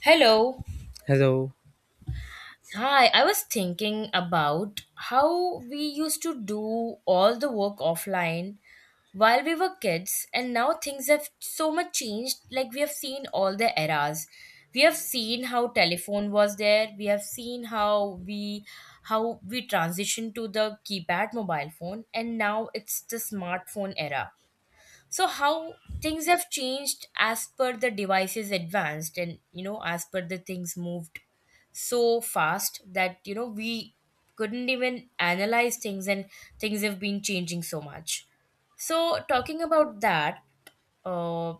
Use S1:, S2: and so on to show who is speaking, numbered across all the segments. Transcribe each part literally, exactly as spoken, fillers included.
S1: Hello.
S2: Hello.
S1: Hi, I was thinking about how we used to do all the work offline while we were kids, and now things have so much changed. Like, we have seen all the eras. We have seen how telephone was there. We have seen how we how we transitioned to the keypad mobile phone, and now it's the smartphone era. So how things have changed as per the devices advanced, and you know, as per the things moved so fast that you know we couldn't even analyze things, and things have been changing so much. So talking about that, uh,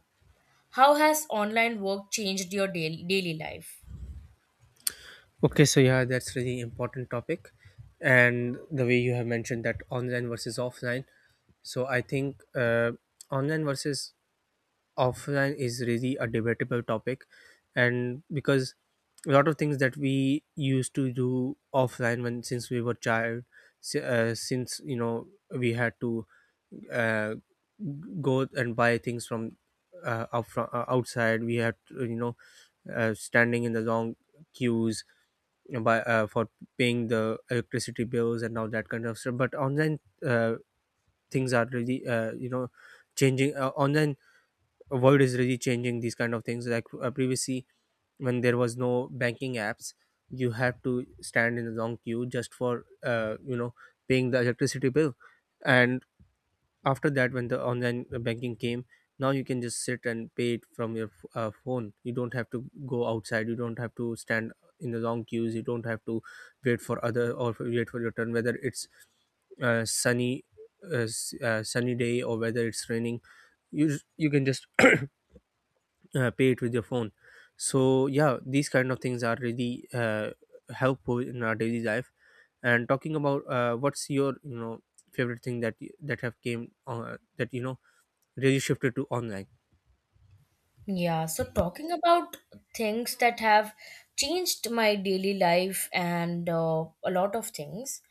S1: how has online work changed your daily, daily life?
S2: Okay, so yeah, that's really important topic, and the way you have mentioned that online versus offline. So I think uh, online versus offline is really a debatable topic, and because a lot of things that we used to do offline when since we were child, si- uh, since you know we had to uh, go and buy things from uh, out from uh, outside, we had to, you know uh, standing in the long queues by uh, for paying the electricity bills and all that kind of stuff. But online uh, things are really uh, you know changing. Uh, online world is really changing these kind of things, like uh, previously when there was no banking apps you had to stand in a long queue just for uh, you know paying the electricity bill. And after that, when the online uh, banking came, now you can just sit and pay it from your uh, phone. You don't have to go outside, you don't have to stand in the long queues, you don't have to wait for other or wait for your turn, whether it's uh, sunny uh, s- uh, sunny day or whether it's raining. You just, you can just uh, pay it with your phone. So yeah, these kind of things are really uh, helpful in our daily life. And talking about uh, what's your you know favorite thing that y- that have came, uh, that you know really shifted to online?
S1: Yeah, so talking about things that have changed my daily life, and uh, a lot of things.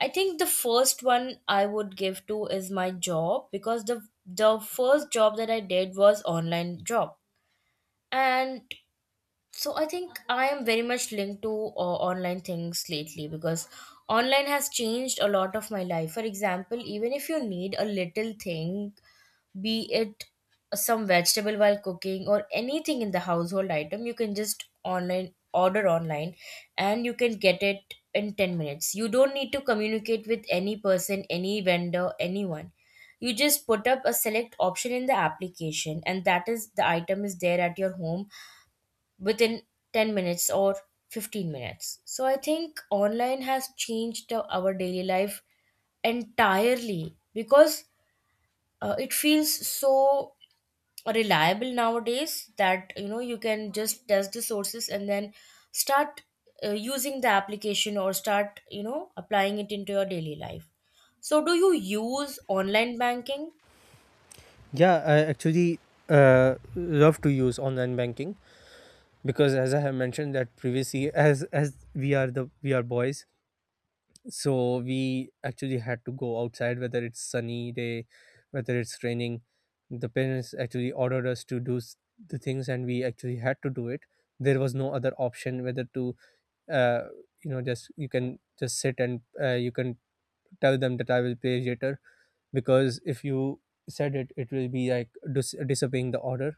S1: I think the first one I would give to is my job, because the the first job that I did was online job. And so I think I am very much linked to uh, online things lately, because online has changed a lot of my life. For example, even if you need a little thing, be it some vegetable while cooking or anything in the household item, you can just online order online, and you can get it in ten minutes. You don't need to communicate with any person, any vendor, anyone. You just put up a select option in the application, and that is the item is there at your home within ten minutes or fifteen minutes. So I think online has changed uh, our daily life entirely, because uh, it feels so reliable nowadays that you know you can just test the sources and then start uh, using the application or start, you know, applying it into your daily life. So do you use online banking?
S2: Yeah, I actually uh, love to use online banking because, as I have mentioned that previously, as as we are the we are boys, so we actually had to go outside, whether it's sunny day, whether it's raining. The parents actually ordered us to do s- the things, and we actually had to do it. There was no other option whether to, uh, you know, just you can just sit and uh, you can tell them that I will pay later, because if you said it it will be like dis- disobeying the order.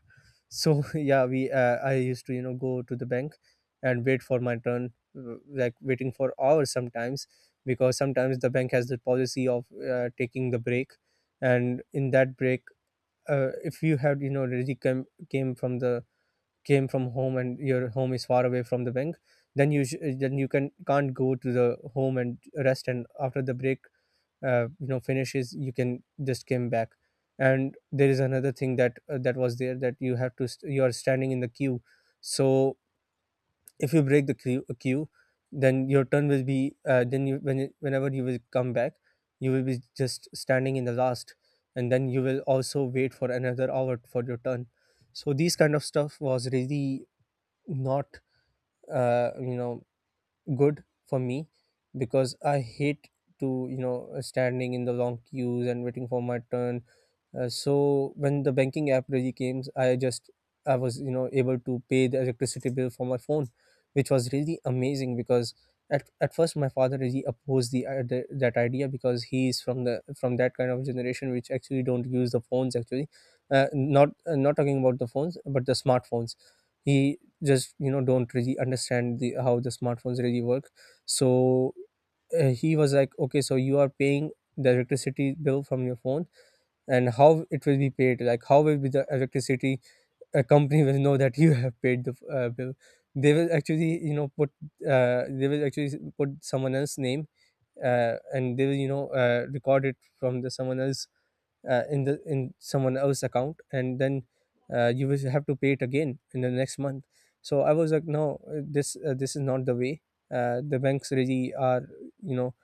S2: So yeah, we uh, I used to you know go to the bank and wait for my turn, uh, like waiting for hours sometimes, because sometimes the bank has the policy of uh, taking the break. And in that break, uh, if you have you know already came, came from the came from home and your home is far away from the bank, then you sh- then you can can't go to the home and rest. And after the break uh, you know finishes, you can just come back. And there is another thing that uh, that was there, that you have to st- you are standing in the queue. So if you break the queue, uh, queue, then your turn will be, uh, then you when you- whenever you will come back, you will be just standing in the last, and then you will also wait for another hour for your turn. So these kind of stuff was really not uh, you know good for me, because I hate to you know standing in the long queues and waiting for my turn. Uh, so when the banking app really came, I just I was you know able to pay the electricity bill for my phone, which was really amazing because at, at first my father really opposed the, I- the that idea, because he is from the from that kind of generation which actually don't use the phones actually, uh, not uh, not talking about the phones but the smartphones. He just you know don't really understand the how the smartphones really work. So uh, he was like, okay, so you are paying the electricity bill from your phone, and how it will be paid, like how will be the electricity a company will know that you have paid the uh, bill. They will actually you know put uh, they will actually put someone else's name, uh, and they will you know uh, record it from the someone else, uh, in the in someone else's account, and then uh, you will have to pay it again in the next month. So I was like, no, uh, this uh, this is not the way uh, the banks really are. you know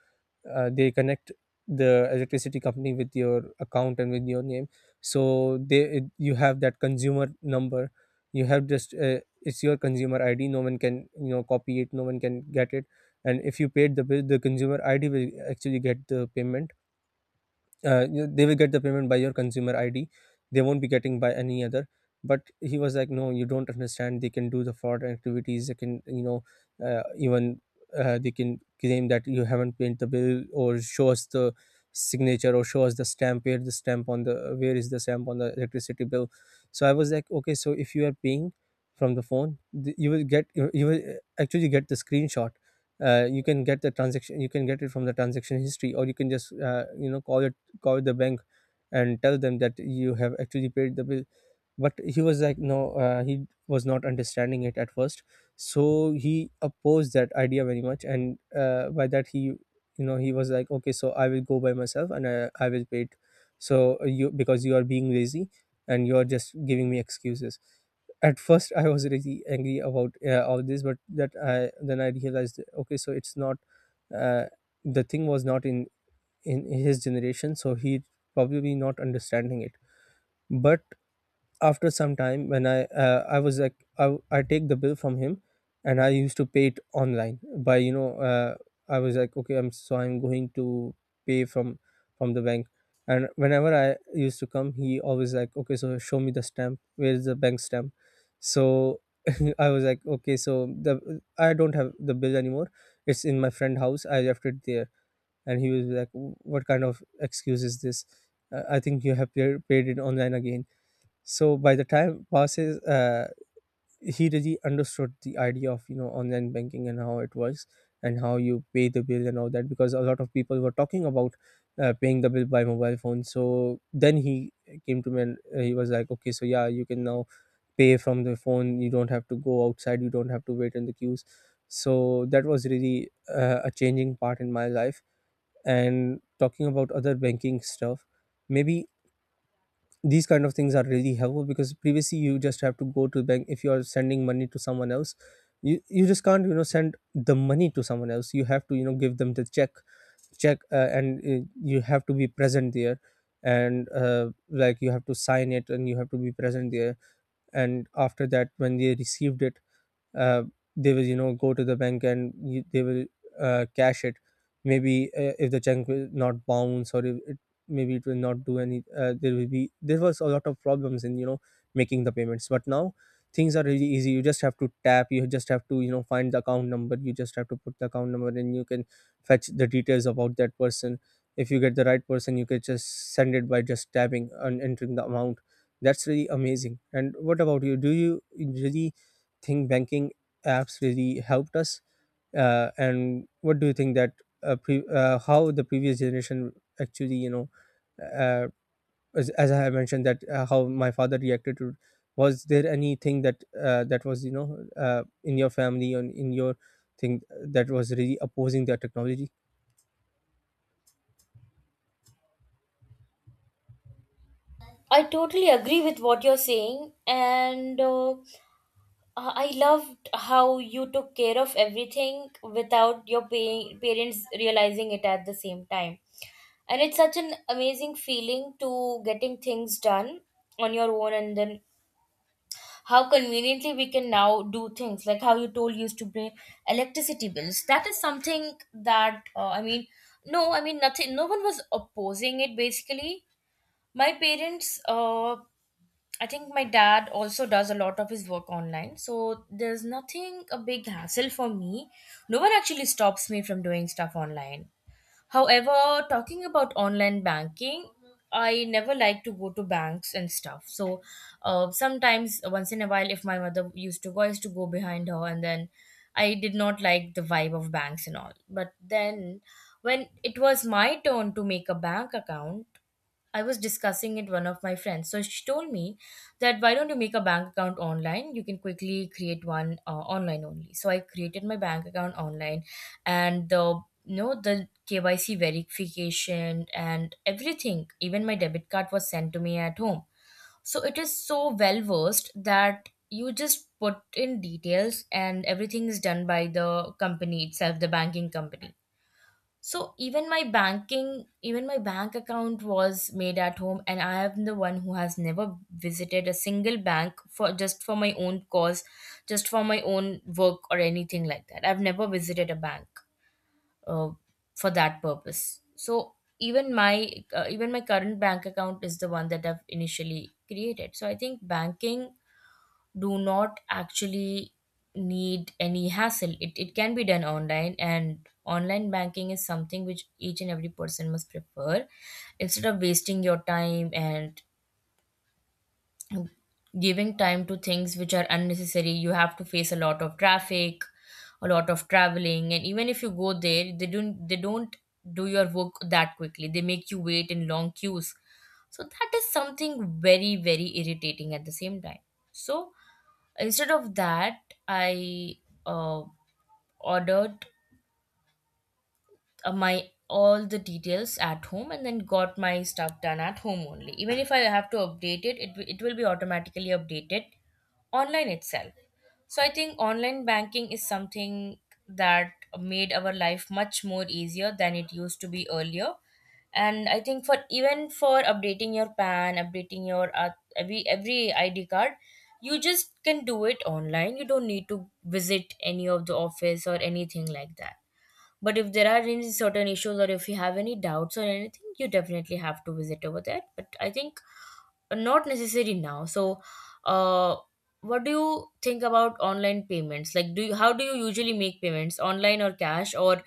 S2: uh, they connect the electricity company with your account and with your name, so they it, you have that consumer number. You have just, uh, it's your consumer ID, no one can you know copy it, no one can get it. And if you paid the bill, the consumer ID will actually get the payment. Uh, you- they will get the payment by your consumer ID, they won't be getting by any other. But he was like, no, you don't understand, they can do the fraud activities, they can, you know uh, even, uh, they can claim that you haven't paid the bill, or show us the signature, or show us the stamp, where the stamp on the where is the stamp on the electricity bill. So I was like, okay, so if you are paying from the phone, th- you will get you you will uh, actually get the screenshot. Uh, you can get the transaction, you can get it from the transaction history, or you can just uh, you know call your call the bank and tell them that you have actually paid the bill. But he was like, no, uh, he was not understanding it at first. So he opposed that idea very much. And uh, by that he you know he was like, okay, so I will go by myself and i, I will pay it. So uh, you because you are being lazy and you are just giving me excuses. At first I was really angry about uh, all this, but that I then I realized, okay, so it's not, uh, the thing was not in in his generation, so he probably be not understanding it. But after some time, when i uh, i was like, I, I take the bill from him, and I used to pay it online by you know uh, I was like, okay, I'm so I'm going to pay from from the bank. And whenever I used to come, he always like, okay, so show me the stamp, where's the bank stamp. So I was like, okay, so the I don't have the bill anymore, it's in my friend house, I left it there. And he was like, what kind of excuse is this, uh, I think you have pa- paid it online again. So by the time passes, uh, he really understood the idea of you know online banking and how it works, and how you pay the bill and all that, because a lot of people were talking about uh, paying the bill by mobile phone. So then he came to me, and uh, he was like, okay, so yeah, you can now pay from the phone, you don't have to go outside, you don't have to wait in the queues. So that was really uh, a changing part in my life. And talking about other banking stuff, maybe these kind of things are really helpful, because previously you just have to go to the bank. If you are sending money to someone else, you, you just can't you know send the money to someone else, you have to you know give them the check check, uh, and uh, you have to be present there, and uh, like you have to sign it and you have to be present there. And after that, when they received it, uh, they will you know go to the bank, and y- they will uh, cash it. Maybe uh, if the check will not bounce, or if it maybe it will not do any, uh, there will be there was a lot of problems in you know making the payments. But now things are really easy. You just have to tap, you just have to you know find the account number, you just have to put the account number, and you can fetch the details about that person. If you get the right person, you can just send it by just tapping and entering the amount. That's really amazing. And what about you, do you really think banking apps really helped us? Uh, and what do you think that uh, pre- uh, how the previous generation actually you know uh, as, as I have mentioned that uh, how my father reacted to, was there anything that uh, that was you know uh, in your family or in your thing that was really opposing their technology?
S1: I totally agree with what you're saying, and uh, I I loved how you took care of everything without your pa- parents realizing it at the same time. And it's such an amazing feeling to getting things done on your own, and then how conveniently we can now do things, like how you told you used to pay electricity bills. That is something that, uh, I mean, no, I mean, nothing, no one was opposing it basically. My parents, uh, I think my dad also does a lot of his work online, so there's nothing a big hassle for me. No one actually stops me from doing stuff online. However, talking about online banking, I never like to go to banks and stuff. So uh, sometimes, once in a while, if my mother used to go, I used to go behind her, and then I did not like the vibe of banks and all. But then, when it was my turn to make a bank account, I was discussing it one of my friends. So she told me that, why don't you make a bank account online? You can quickly create one uh, online only. So I created my bank account online, and the, you know, the K Y C verification and everything. Even my debit card was sent to me at home. So it is so well versed that you just put in details and everything is done by the company itself, the banking company. So even my banking, even my bank account was made at home, and I am the one who has never visited a single bank for just for my own cause, just for my own work or anything like that. I've never visited a bank uh, for that purpose. So even my, uh, even my current bank account is the one that I've initially created. So I think banking do not actually need any hassle. It, it can be done online, and online banking is something which each and every person must prefer instead of wasting your time and giving time to things which are unnecessary. You have to face a lot of traffic, a lot of traveling, and even if you go there, they don't they don't do your work that quickly. They make you wait in long queues. So that is something very, very irritating at the same time. So instead of that, I, uh, ordered uh, my all the details at home, and then got my stuff done at home only. Even if I have to update it it, wi- it will be automatically updated online itself. So I think online banking is something that made our life much more easier than it used to be earlier. And I think for, even for updating your P A N, updating your, uh, every every I D card, you just can do it online. You don't need to visit any of the office or anything like that. But if there are any certain issues or if you have any doubts or anything, you definitely have to visit over there. But I think not necessary now. So, uh, what do you think about online payments? Like, do you, how do you usually make payments, online or cash, or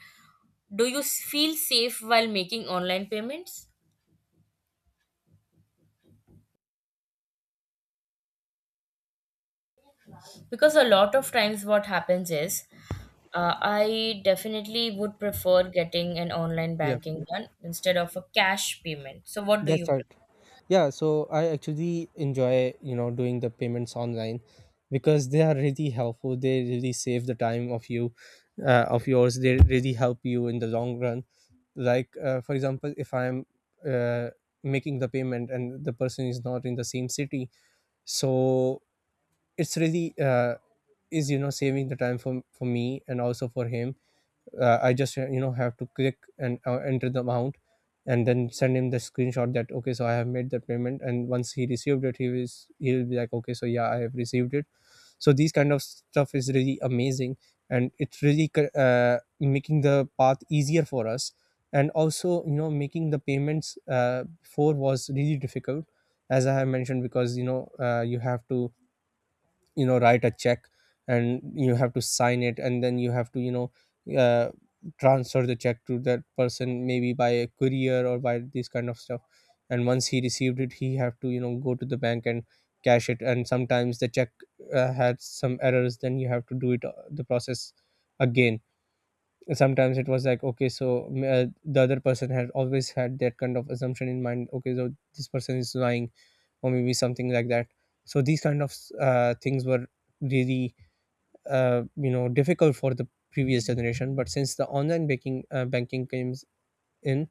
S1: do you s- feel safe while making online payments? Because a lot of times, what happens is, uh, I definitely would prefer getting an online
S2: Yeah.
S1: banking done instead of a cash payment. So, what do
S2: That's
S1: you
S2: right.
S1: prefer?
S2: Yeah, so I actually enjoy, you know, doing the payments online, because they are really helpful. They really save the time of you, uh, of yours. They really help you in the long run. Like, uh, for example, if I'm uh, making the payment and the person is not in the same city, so it's really uh, is you know saving the time for for me and also for him. Uh, I just uh, you know have to click and uh, enter the amount, and then send him the screenshot that okay, so I have made the payment, and once he received it, he is he will be like, okay, so yeah, I have received it. So these kind of stuff is really amazing, and it's really c- uh, making the path easier for us. And also, you know, making the payments uh, before was really difficult, as I have mentioned, because you know, uh, you have to, you know, write a check, and you have to sign it, and then you have to, you know, uh, transfer the check to that person maybe by a courier or by this kind of stuff. And once he received it, he have to, you know, go to the bank and cash it. And sometimes the check uh, had some errors, then you have to do it, uh, the process again. And sometimes it was like, okay, so mm, uh, the other person had always had that kind of assumption in mind, okay, so this person is lying or maybe something like that. So these kind of uh, things were really uh, you know difficult for the previous generation, but since the online banking uh, banking came in,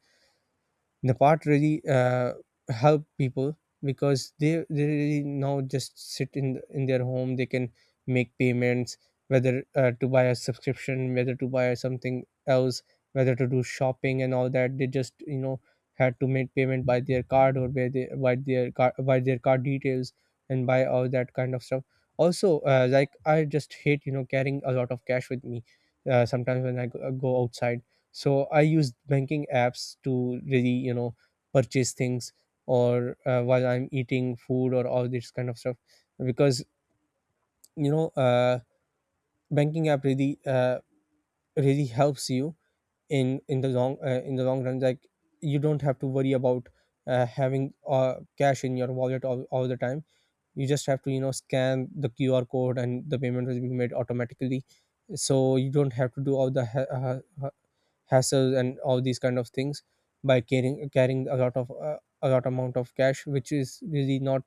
S2: the part really uh, help people, because they, they really now just sit in in their home, they can make payments, whether uh, to buy a subscription, whether to buy something else, whether to do shopping and all that. They just, you know, had to make payment by their card or by their by their card by their card details and by all that kind of stuff. Also, uh, like, I just hate, you know, carrying a lot of cash with me. Uh, sometimes when I go, go outside, so I use banking apps to really, you know, purchase things, or uh, while I'm eating food or all this kind of stuff. Because you know, uh, banking app really uh, really helps you in in the long uh, in the long run. Like, you don't have to worry about uh, having uh, cash in your wallet all, all the time. You just have to, you know, scan the QR code, and the payment will be made automatically. So you don't have to do all the he- uh, uh, hassles and all these kind of things by carrying carrying a lot of uh, a lot amount of cash, which is really not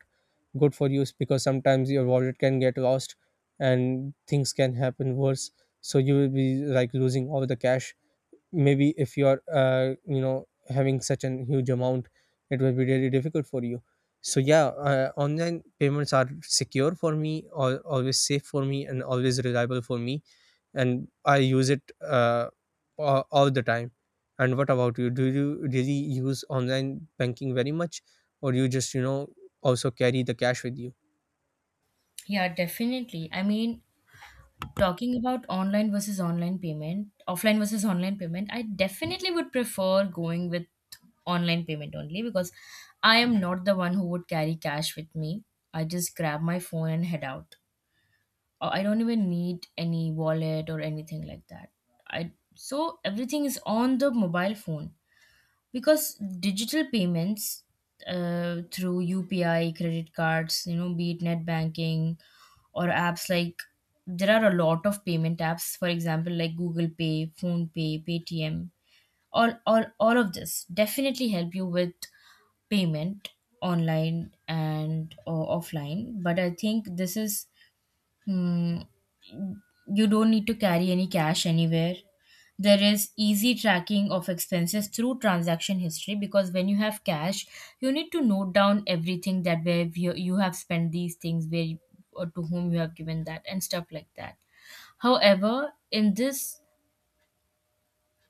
S2: good for use, because sometimes your wallet can get lost and things can happen worse. So you will be like losing all the cash. Maybe if you're uh, you know having such a huge amount, it will be really difficult for you. So yeah, uh, online payments are secure for me, or always safe for me, and always reliable for me, and I use it uh, all, all the time. And what about you? Do you really use online banking very much, or you just, you know, also carry the cash with you?
S1: Yeah, definitely. I mean, talking about online versus online payment, offline versus online payment, I definitely would prefer going with online payment only, because I am not the one who would carry cash with me. I just grab my phone and head out. Uh, I don't even need any wallet or anything like that. I, so everything is on the mobile phone, because digital payments, uh, through U P I, credit cards, you know, be it net banking or apps like, there are a lot of payment apps, for example, like Google Pay, Phone Pay, Paytm, all, all, all of this definitely help you with payment online and or offline. But I think this is, hmm, you don't need to carry any cash anywhere. There is easy tracking of expenses through transaction history, because when you have cash, you need to note down everything that where you, you have spent these things, where you- or to whom you have given that, and stuff like that. However, in this,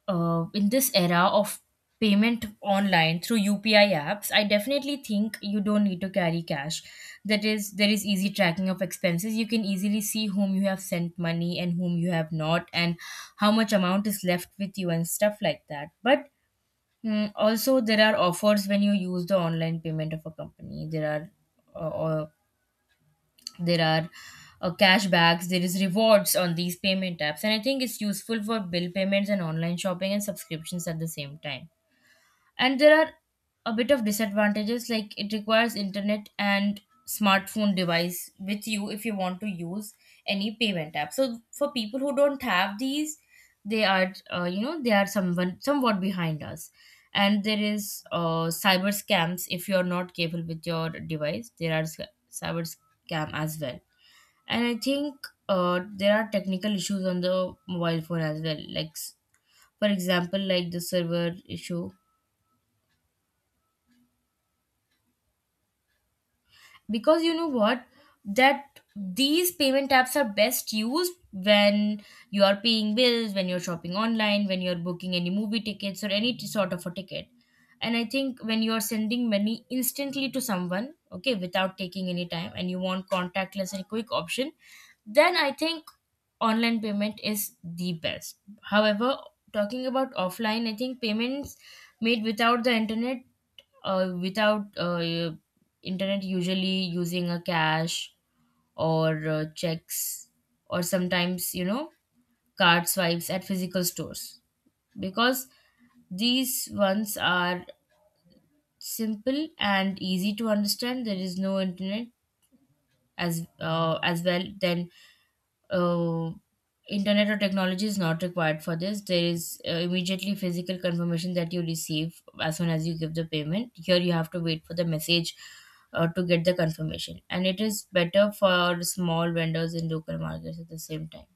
S1: uh, in this era of payment online through U P I apps, I definitely think you don't need to carry cash. That is, there is easy tracking of expenses. You can easily see whom you have sent money and whom you have not, and how much amount is left with you and stuff like that. But, mm, also, there are offers when you use the online payment of a company. There are, uh, uh, there are, uh, cashbacks, there is rewards on these payment apps, and I think it's useful for bill payments and online shopping and subscriptions at the same time. And there are a bit of disadvantages, like it requires internet and smartphone device with you if you want to use any payment app. So for people who don't have these, they are, uh, you know, they are someone somewhat behind us. And there is, uh, cyber scams. If you're not capable with your device, there are sc- cyber scam as well. And I think uh, there are technical issues on the mobile phone as well, like s- for example, like the server issue. Because you know what, that these payment apps are best used when you are paying bills, when you're shopping online, when you're booking any movie tickets or any t- sort of a ticket. And I think when you are sending money instantly to someone, okay, without taking any time, and you want contactless and quick option, then I think online payment is the best. However, talking about offline, I think payments made without the internet, uh, without uh, internet, usually using a cash or uh, checks or sometimes, you know, card swipes at physical stores. Because these ones are simple and easy to understand. There is no internet as, uh, as well. Then, uh, internet or technology is not required for this. There is, uh, immediately physical confirmation that you receive as soon as you give the payment. Here, you have to wait for the message uh, to get the confirmation, and it is better for small vendors and local markets at the same time.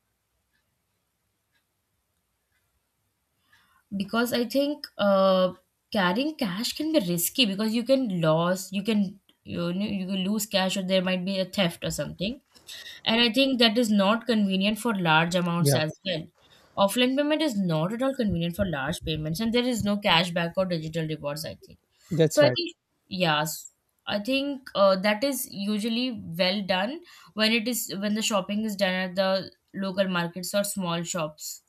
S1: Because I think uh, carrying cash can be risky, because you can lose, you can you know you can lose cash, or there might be a theft or something, and I think that is not convenient for large amounts
S2: Yeah,
S1: as well. Offline payment is not at all convenient for large payments, and there is no cashback or digital rewards. I think
S2: that's
S1: so. I
S2: right.
S1: think, yes, I think uh, that is usually well done when it is, when the shopping is done at the local markets or small shops.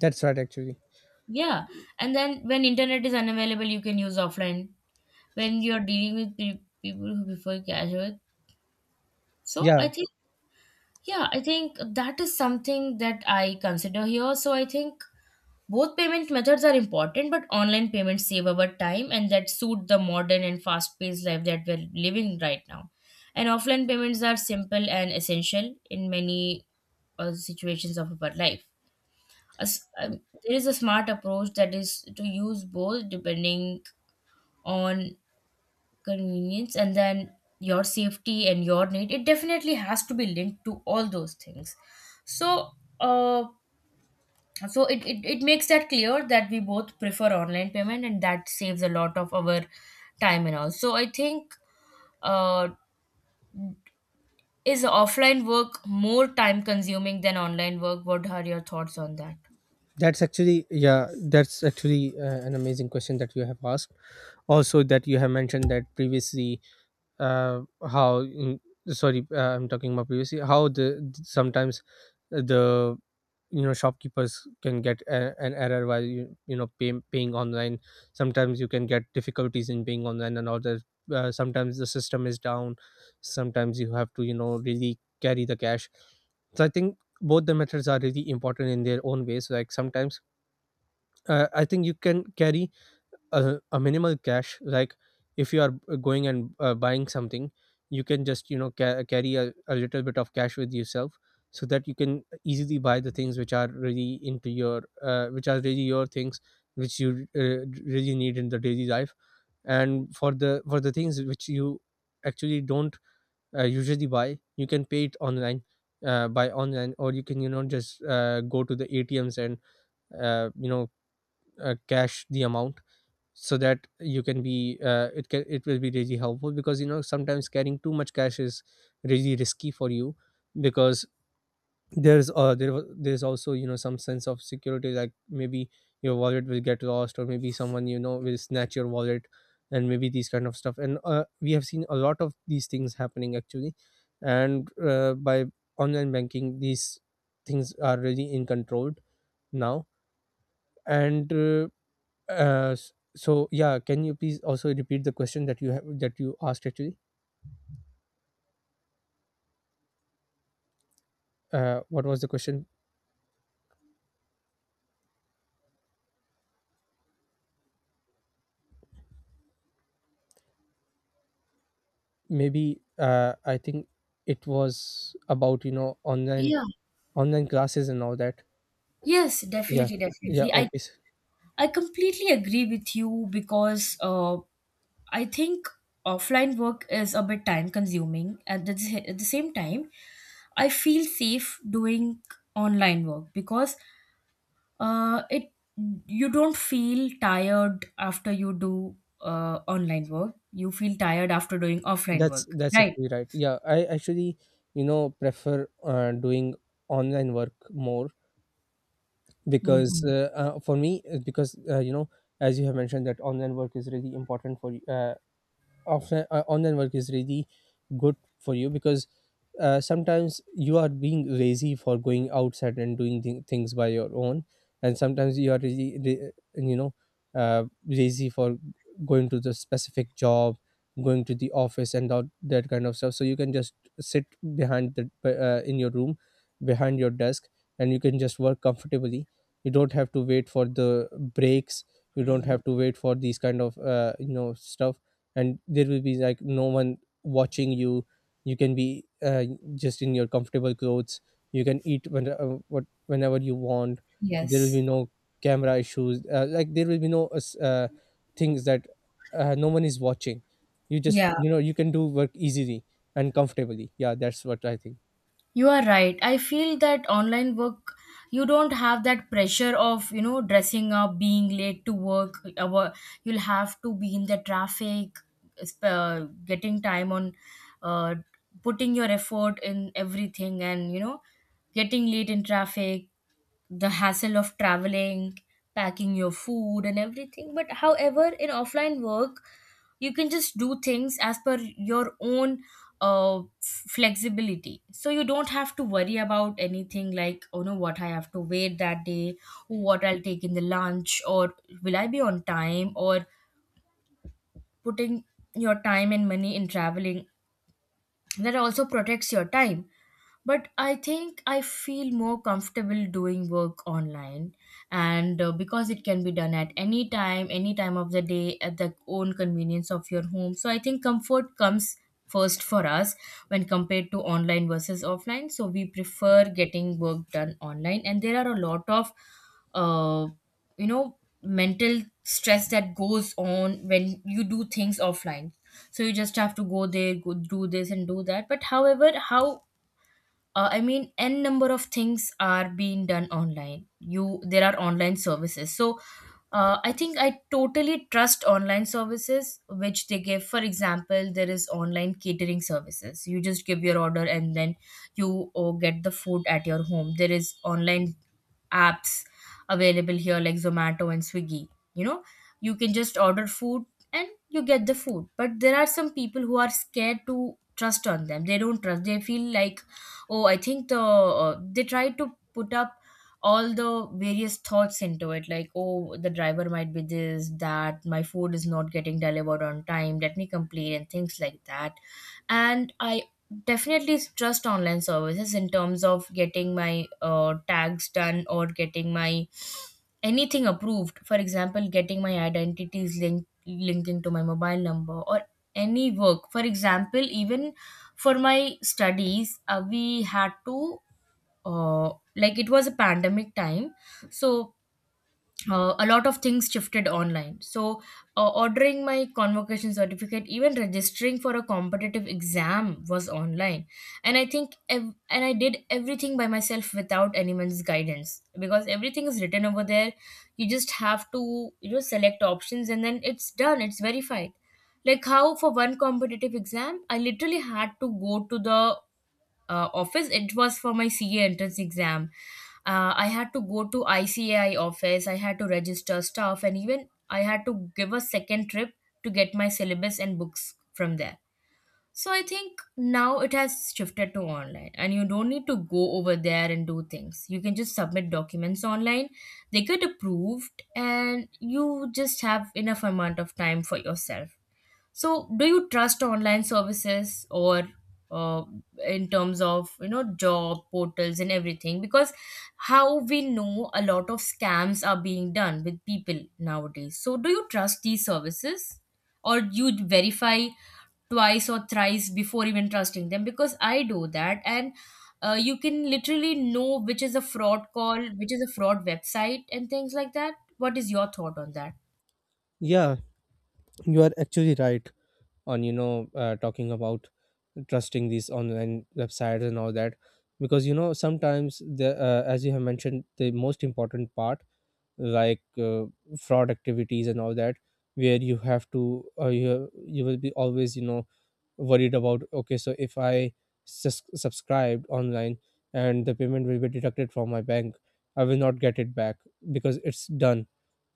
S2: That's right actually.
S1: Yeah, and then when internet is unavailable, you can use offline when you're dealing with pe- people who prefer casual. So
S2: Yeah,
S1: I think, yeah, I think that is something that I consider here. So I think both payment methods are important, but online payments save our time and that suit the modern and fast-paced life that we're living right now. And offline payments are simple and essential in many uh, situations of our life. A s- um, there is a smart approach that is to use both depending on convenience, and then your safety and your need. It definitely has to be linked to all those things, so uh so it, it, it makes that clear that we both prefer online payment, and that saves a lot of our time and all. So I think, uh is offline work more time consuming than online work? What are your thoughts on that?
S2: that's actually yeah, that's actually uh, an amazing question that you have asked. Also that you have mentioned that previously, uh, how mm, sorry, uh, I'm talking about previously how the sometimes the, you know, shopkeepers can get a, an error while you you know, pay, paying online. Sometimes you can get difficulties in paying online and all that. Uh, sometimes the system is down, sometimes you have to, you know, really carry the cash. So I think both the methods are really important in their own ways. Like sometimes, uh, I think you can carry a, a minimal cash. Like if you are going and uh, buying something, you can just, you know, ca- carry a, a little bit of cash with yourself, so that you can easily buy the things which are really into your uh, which are really your things, which you uh, really need in the daily life. And for the for the things which you actually don't uh, usually buy, you can pay it online, uh, buy online, or you can, you know, just uh, go to the ATMs and uh, you know uh, cash the amount, so that you can be uh, it can, it will be really helpful. Because you know, sometimes carrying too much cash is really risky for you. Because there's uh there wa- there's also, you know, some sense of security, like maybe your wallet will get lost, or maybe someone, you know, will snatch your wallet and maybe these kind of stuff. And uh, we have seen a lot of these things happening actually. And uh, by online banking, these things are really in control now. And uh, uh, s- so yeah, can you please also repeat the question that you have that you asked actually? Uh, what was the question? Maybe, uh, I think it was about, you know, online
S1: Yeah.
S2: online classes and all that.
S1: Yes,
S2: Yeah,
S1: definitely,
S2: yeah,
S1: definitely. I
S2: okay. s-
S1: I completely agree with you because uh I think offline work is a bit time consuming. At the, at the same time, I feel safe doing online work because uh, it, you don't feel tired after you do uh, online work. You feel tired after doing offline
S2: That's
S1: work,
S2: that's
S1: right?
S2: actually right. Yeah, I actually, you know, prefer uh, doing online work more. Because
S1: Hmm.
S2: uh, uh, for me, uh, because uh, you know, as you have mentioned that online work is really important for y- uh, often, uh, online work is really good for you, because uh, sometimes you are being lazy for going outside and doing th- things by your own. And sometimes you are really re- uh, you know, uh, lazy for going to the specific job, going to the office and all that kind of stuff. So you can just sit behind the uh, in your room, behind your desk, and you can just work comfortably. You don't have to wait for the breaks, you don't have to wait for these kind of uh, you know stuff. And there will be like no one watching you. You can be uh, just in your comfortable clothes. You can eat when, uh, what whenever you want. There will be
S1: Yes.
S2: no camera issues, uh, like there will be no uh, s- uh, things that uh, no one is watching. You just,
S1: Yeah.
S2: you know, you can do work easily and comfortably. Yeah, that's what I think.
S1: You are right. I feel that online work, you don't have that pressure of, you know, dressing up, being late to work. Our, you'll have to be in the traffic, sp- uh, getting time on, uh, putting your effort in everything, and, you know, getting late in traffic, the hassle of traveling, packing your food and everything. But however, in offline work, you can just do things as per your own uh, flexibility. So you don't have to worry about anything like, oh no, what I have to wait that day, what I'll take in the lunch, or will I be on time, or putting your time and money in traveling. That also protects your time, but I think I feel more comfortable doing work online. And uh, because it can be done at any time, any time of the day at the own convenience of your home, so I think comfort comes first for us when compared to online versus offline. So we prefer getting work done online, and there are a lot of uh, you know, mental stress that goes on when you do things offline. So you just have to go there, go do this and do that. But however how, uh, I mean, n number of things are being done online. You, there are online services. So uh, I think I totally trust online services which they give. For example, there is online catering services. You just give your order, and then you, oh, get the food at your home. There is online apps available here like Zomato and Swiggy. You know, you can just order food and you get the food. But there are some people who are scared to trust on them. They don't trust, they feel like, oh, I think the uh, they try to put up all the various thoughts into it like, oh, the driver might be this, that my food is not getting delivered on time, let me complain and things like that. And I definitely trust online services in terms of getting my uh, tags done or getting my anything approved. For example, getting my identities linked, linking to my mobile number, or any work. For example, even for my studies, uh, we had to uh, like, it was a pandemic time, so uh, a lot of things shifted online. So uh, ordering my convocation certificate, even registering for a competitive exam was online. And i think ev- and I did everything by myself without anyone's guidance because everything is written over there. You just have to, you know, select options, and then it's done, it's verified. Like, how for one competitive exam I literally had to go to the uh, office. It was for my C A entrance exam. Uh, I had to go to I C A I office. I had to register stuff, and even I had to give a second trip to get my syllabus and books from there. So I think now it has shifted to online, and you don't need to go over there and do things. You can just submit documents online. They get approved, and you just have enough amount of time for yourself. So, do you trust online services or uh, in terms of, you know, job portals and everything? Because how we know a lot of scams are being done with people nowadays. So, do you trust these services, or you verify twice or thrice before even trusting them? Because I do that, and uh, you can literally know which is a fraud call, which is a fraud website, and things like that. What is your thought on that?
S2: Yeah, you are actually right on, you know, uh, talking about trusting these online websites and all that. Because you know, sometimes the, uh, as you have mentioned, the most important part, like uh, fraud activities and all that, where you have to uh, you, you will be always, you know, worried about okay, so if I sus- subscribed online and the payment will be deducted from my bank, I will not get it back, because it's done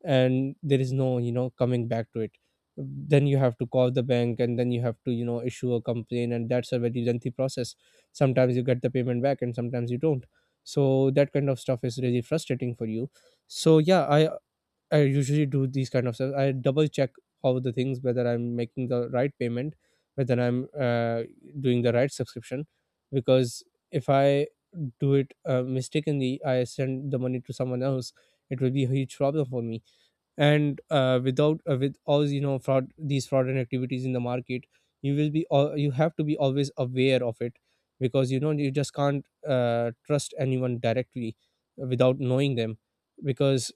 S2: and there is no, you know, coming back to it. Then you have to call the bank, and then you have to, you know, issue a complaint, and that's a very lengthy process. Sometimes you get the payment back and sometimes you don't. So that kind of stuff is really frustrating for you. So yeah, i i usually do these kind of stuff. I double check all the things, whether I'm making the right payment, whether I'm uh, doing the right subscription. Because if I do it uh, mistakenly, I send the money to someone else, it will be a huge problem for me. And uh, without uh, with all, you know, fraud, these fraudulent activities in the market, you will be al- you have to be always aware of it. Because you know, you just can't uh, trust anyone directly without knowing them. Because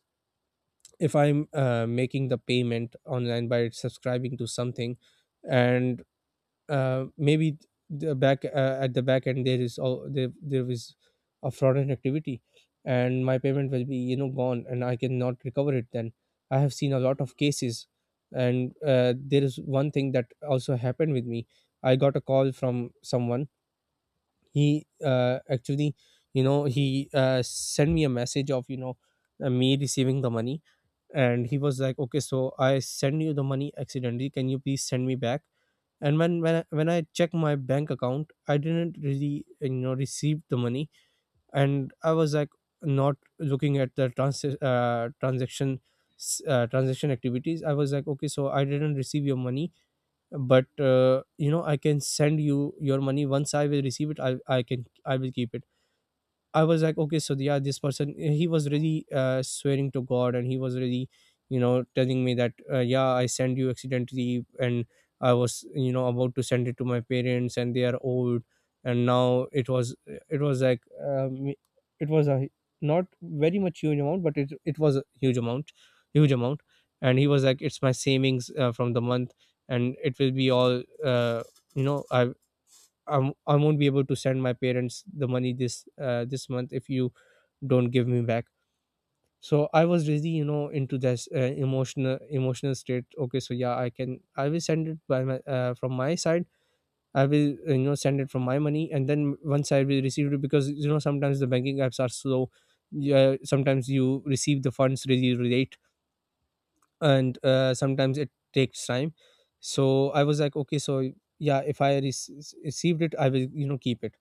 S2: if I'm uh, making the payment online by subscribing to something, and uh, maybe the back uh, at the back end there is all there there is a fraudulent activity, and my payment will be, you know, gone, and I cannot recover it. Then I have seen a lot of cases. And uh, there is one thing that also happened with me. I got a call from someone. He uh, actually, you know, he uh, sent me a message of, you know, uh, me receiving the money. And he was like, okay, so I send you the money accidentally, can you please send me back? And when when I, when I checked my bank account, I didn't really, you know, receive the money. And I was like, not looking at the trans- uh, transaction, s- uh, transaction activities, I was like, okay, so I didn't receive your money. But uh, you know, I can send you your money. Once I will receive it, I I can I will keep it. I was like, okay, so yeah, this person, he was really uh, swearing to God, and he was really, you know, telling me that, uh, yeah, I sent you accidentally, and I was, you know, about to send it to my parents, and they are old. And now it was, it was like, um, it was a not very much huge amount, but it, it was a huge amount, huge amount. And he was like, it's my savings uh, from the month and it will be all, uh, you know, I, I'm, I won't be able to send my parents the money this uh, this month if you don't give me back. So I was really you know into this uh, emotional emotional state. Okay, so yeah, I can, I will send it by my uh, from my side. I will uh, you know send it from my money and then once I will receive it, because you know, sometimes the banking apps are slow. Yeah, sometimes you receive the funds really late, and uh, sometimes it takes time. So I was like, okay, so yeah, if I rec- received it, I will you know keep it.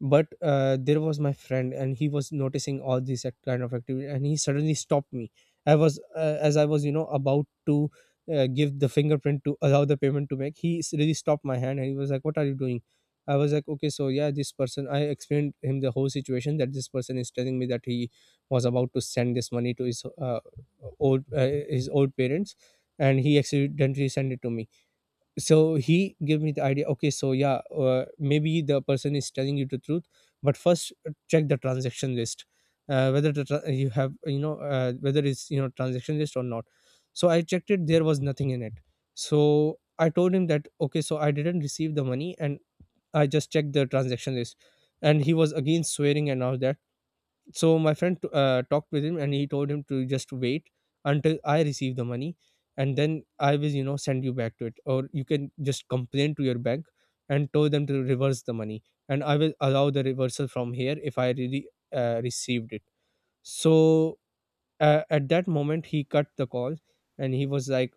S2: But uh, there was my friend and he was noticing all these act- kind of activity, and he suddenly stopped me. I was uh, as I was you know about to uh, give the fingerprint to allow the payment to make. He s- really stopped my hand and he was like, what are you doing? I was like, okay, so yeah, this person, I explained him the whole situation, that this person is telling me that he was about to send this money to his uh, old, uh, his old parents, and he accidentally sent it to me. So he gave me the idea, okay, so yeah, uh, maybe the person is telling you the truth, but first uh, check the transaction list, uh, whether the tra- you have you know uh, whether it's you know transaction list or not. So I checked it, there was nothing in it. So I told him that, okay, so I didn't receive the money, and I just checked the transaction list. And he was again swearing and all that. So my friend uh, talked with him and he told him to just wait until I receive the money, and then I will you know send you back to it, or you can just complain to your bank and tell them to reverse the money, and I will allow the reversal from here if I really uh, received it. So uh, at that moment he cut the call, and he was like,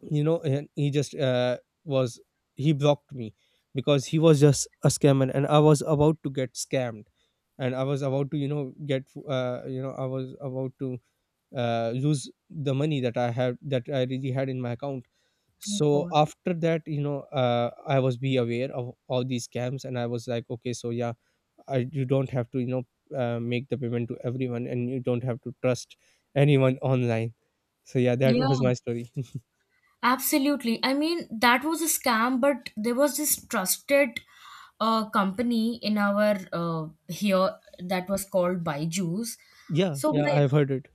S2: you know, and he just uh, was he blocked me, because he was just a scammer and I was about to get scammed. And I was about to you know get uh, you know I was about to uh, lose the money that i had that I really had in my account.
S1: Oh
S2: So
S1: God.
S2: after that you know, uh, I was be aware of all these scams, and I was like, okay, so yeah, I, you don't have to you know uh, make the payment to everyone, and you don't have to trust anyone online. So yeah, that
S1: Yeah.
S2: was my story.
S1: Absolutely. I mean, that was a scam, but there was this trusted uh, company in our uh, here that was called Byju's.
S2: Yeah,
S1: So
S2: yeah,
S1: my
S2: I've heard it.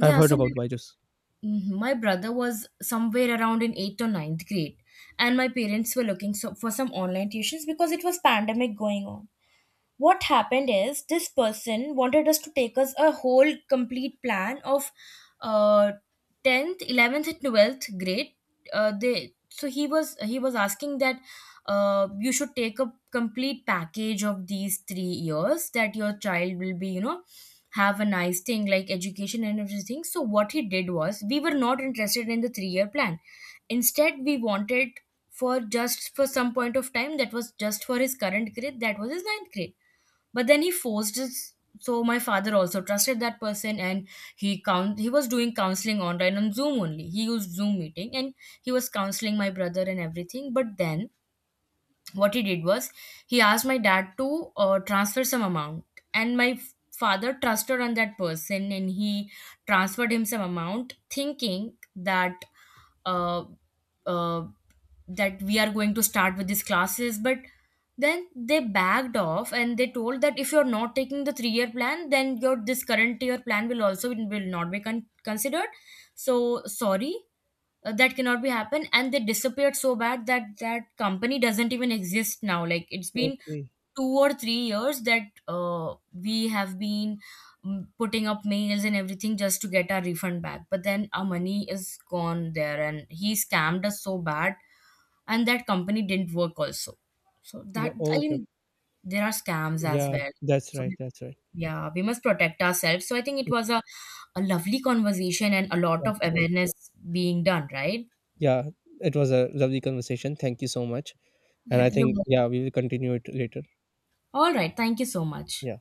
S2: I've heard
S1: so my,
S2: about Byju's.
S1: mhm, my brother was somewhere around in eighth or ninth grade, and my parents were looking so for some online tuitions because it was pandemic going on. What happened is this person wanted us to take us a whole complete plan of uh tenth, eleventh and twelfth grade. Uh, they So he was, he was asking that uh, you should take a complete package of these three years, that your child will be, you know, have a nice thing like education and everything. So what he did was, we were not interested in the three year plan. Instead we wanted for just for some point of time, that was just for his current grade, that was his ninth grade. But then he forced his, so my father also trusted that person, and he count, he was doing counseling online on Zoom only. He used Zoom meeting and he was counseling my brother and everything. But then what he did was, he asked my dad to uh, transfer some amount. And my f- father trusted on that person, and he transferred him some amount thinking that uh, uh, that we are going to start with these classes. But then they backed off and they told that if you're not taking the three year plan, then your this current year plan will also will not be con- considered. So sorry, uh, that cannot be happen. And they disappeared so bad that that company doesn't even exist now. Like, it's been
S2: Okay.
S1: two or three years that uh, we have been mm, putting up mails and everything just to get our refund back. But then our money is gone there and he scammed us so bad, and that company didn't work also. So
S2: Yeah.
S1: that, I
S2: Okay, okay.
S1: mean, there are scams as
S2: Yeah.
S1: well.
S2: That's
S1: So
S2: right. That's right.
S1: yeah, we must protect ourselves. So I think it was a, a lovely conversation and a lot of
S2: That's right.
S1: awareness being done, right?
S2: Yeah. It was a lovely conversation. Thank you so much. And
S1: Yeah,
S2: I
S1: you.
S2: think, yeah, we will continue it later.
S1: All right, thank you so much.
S2: Yeah.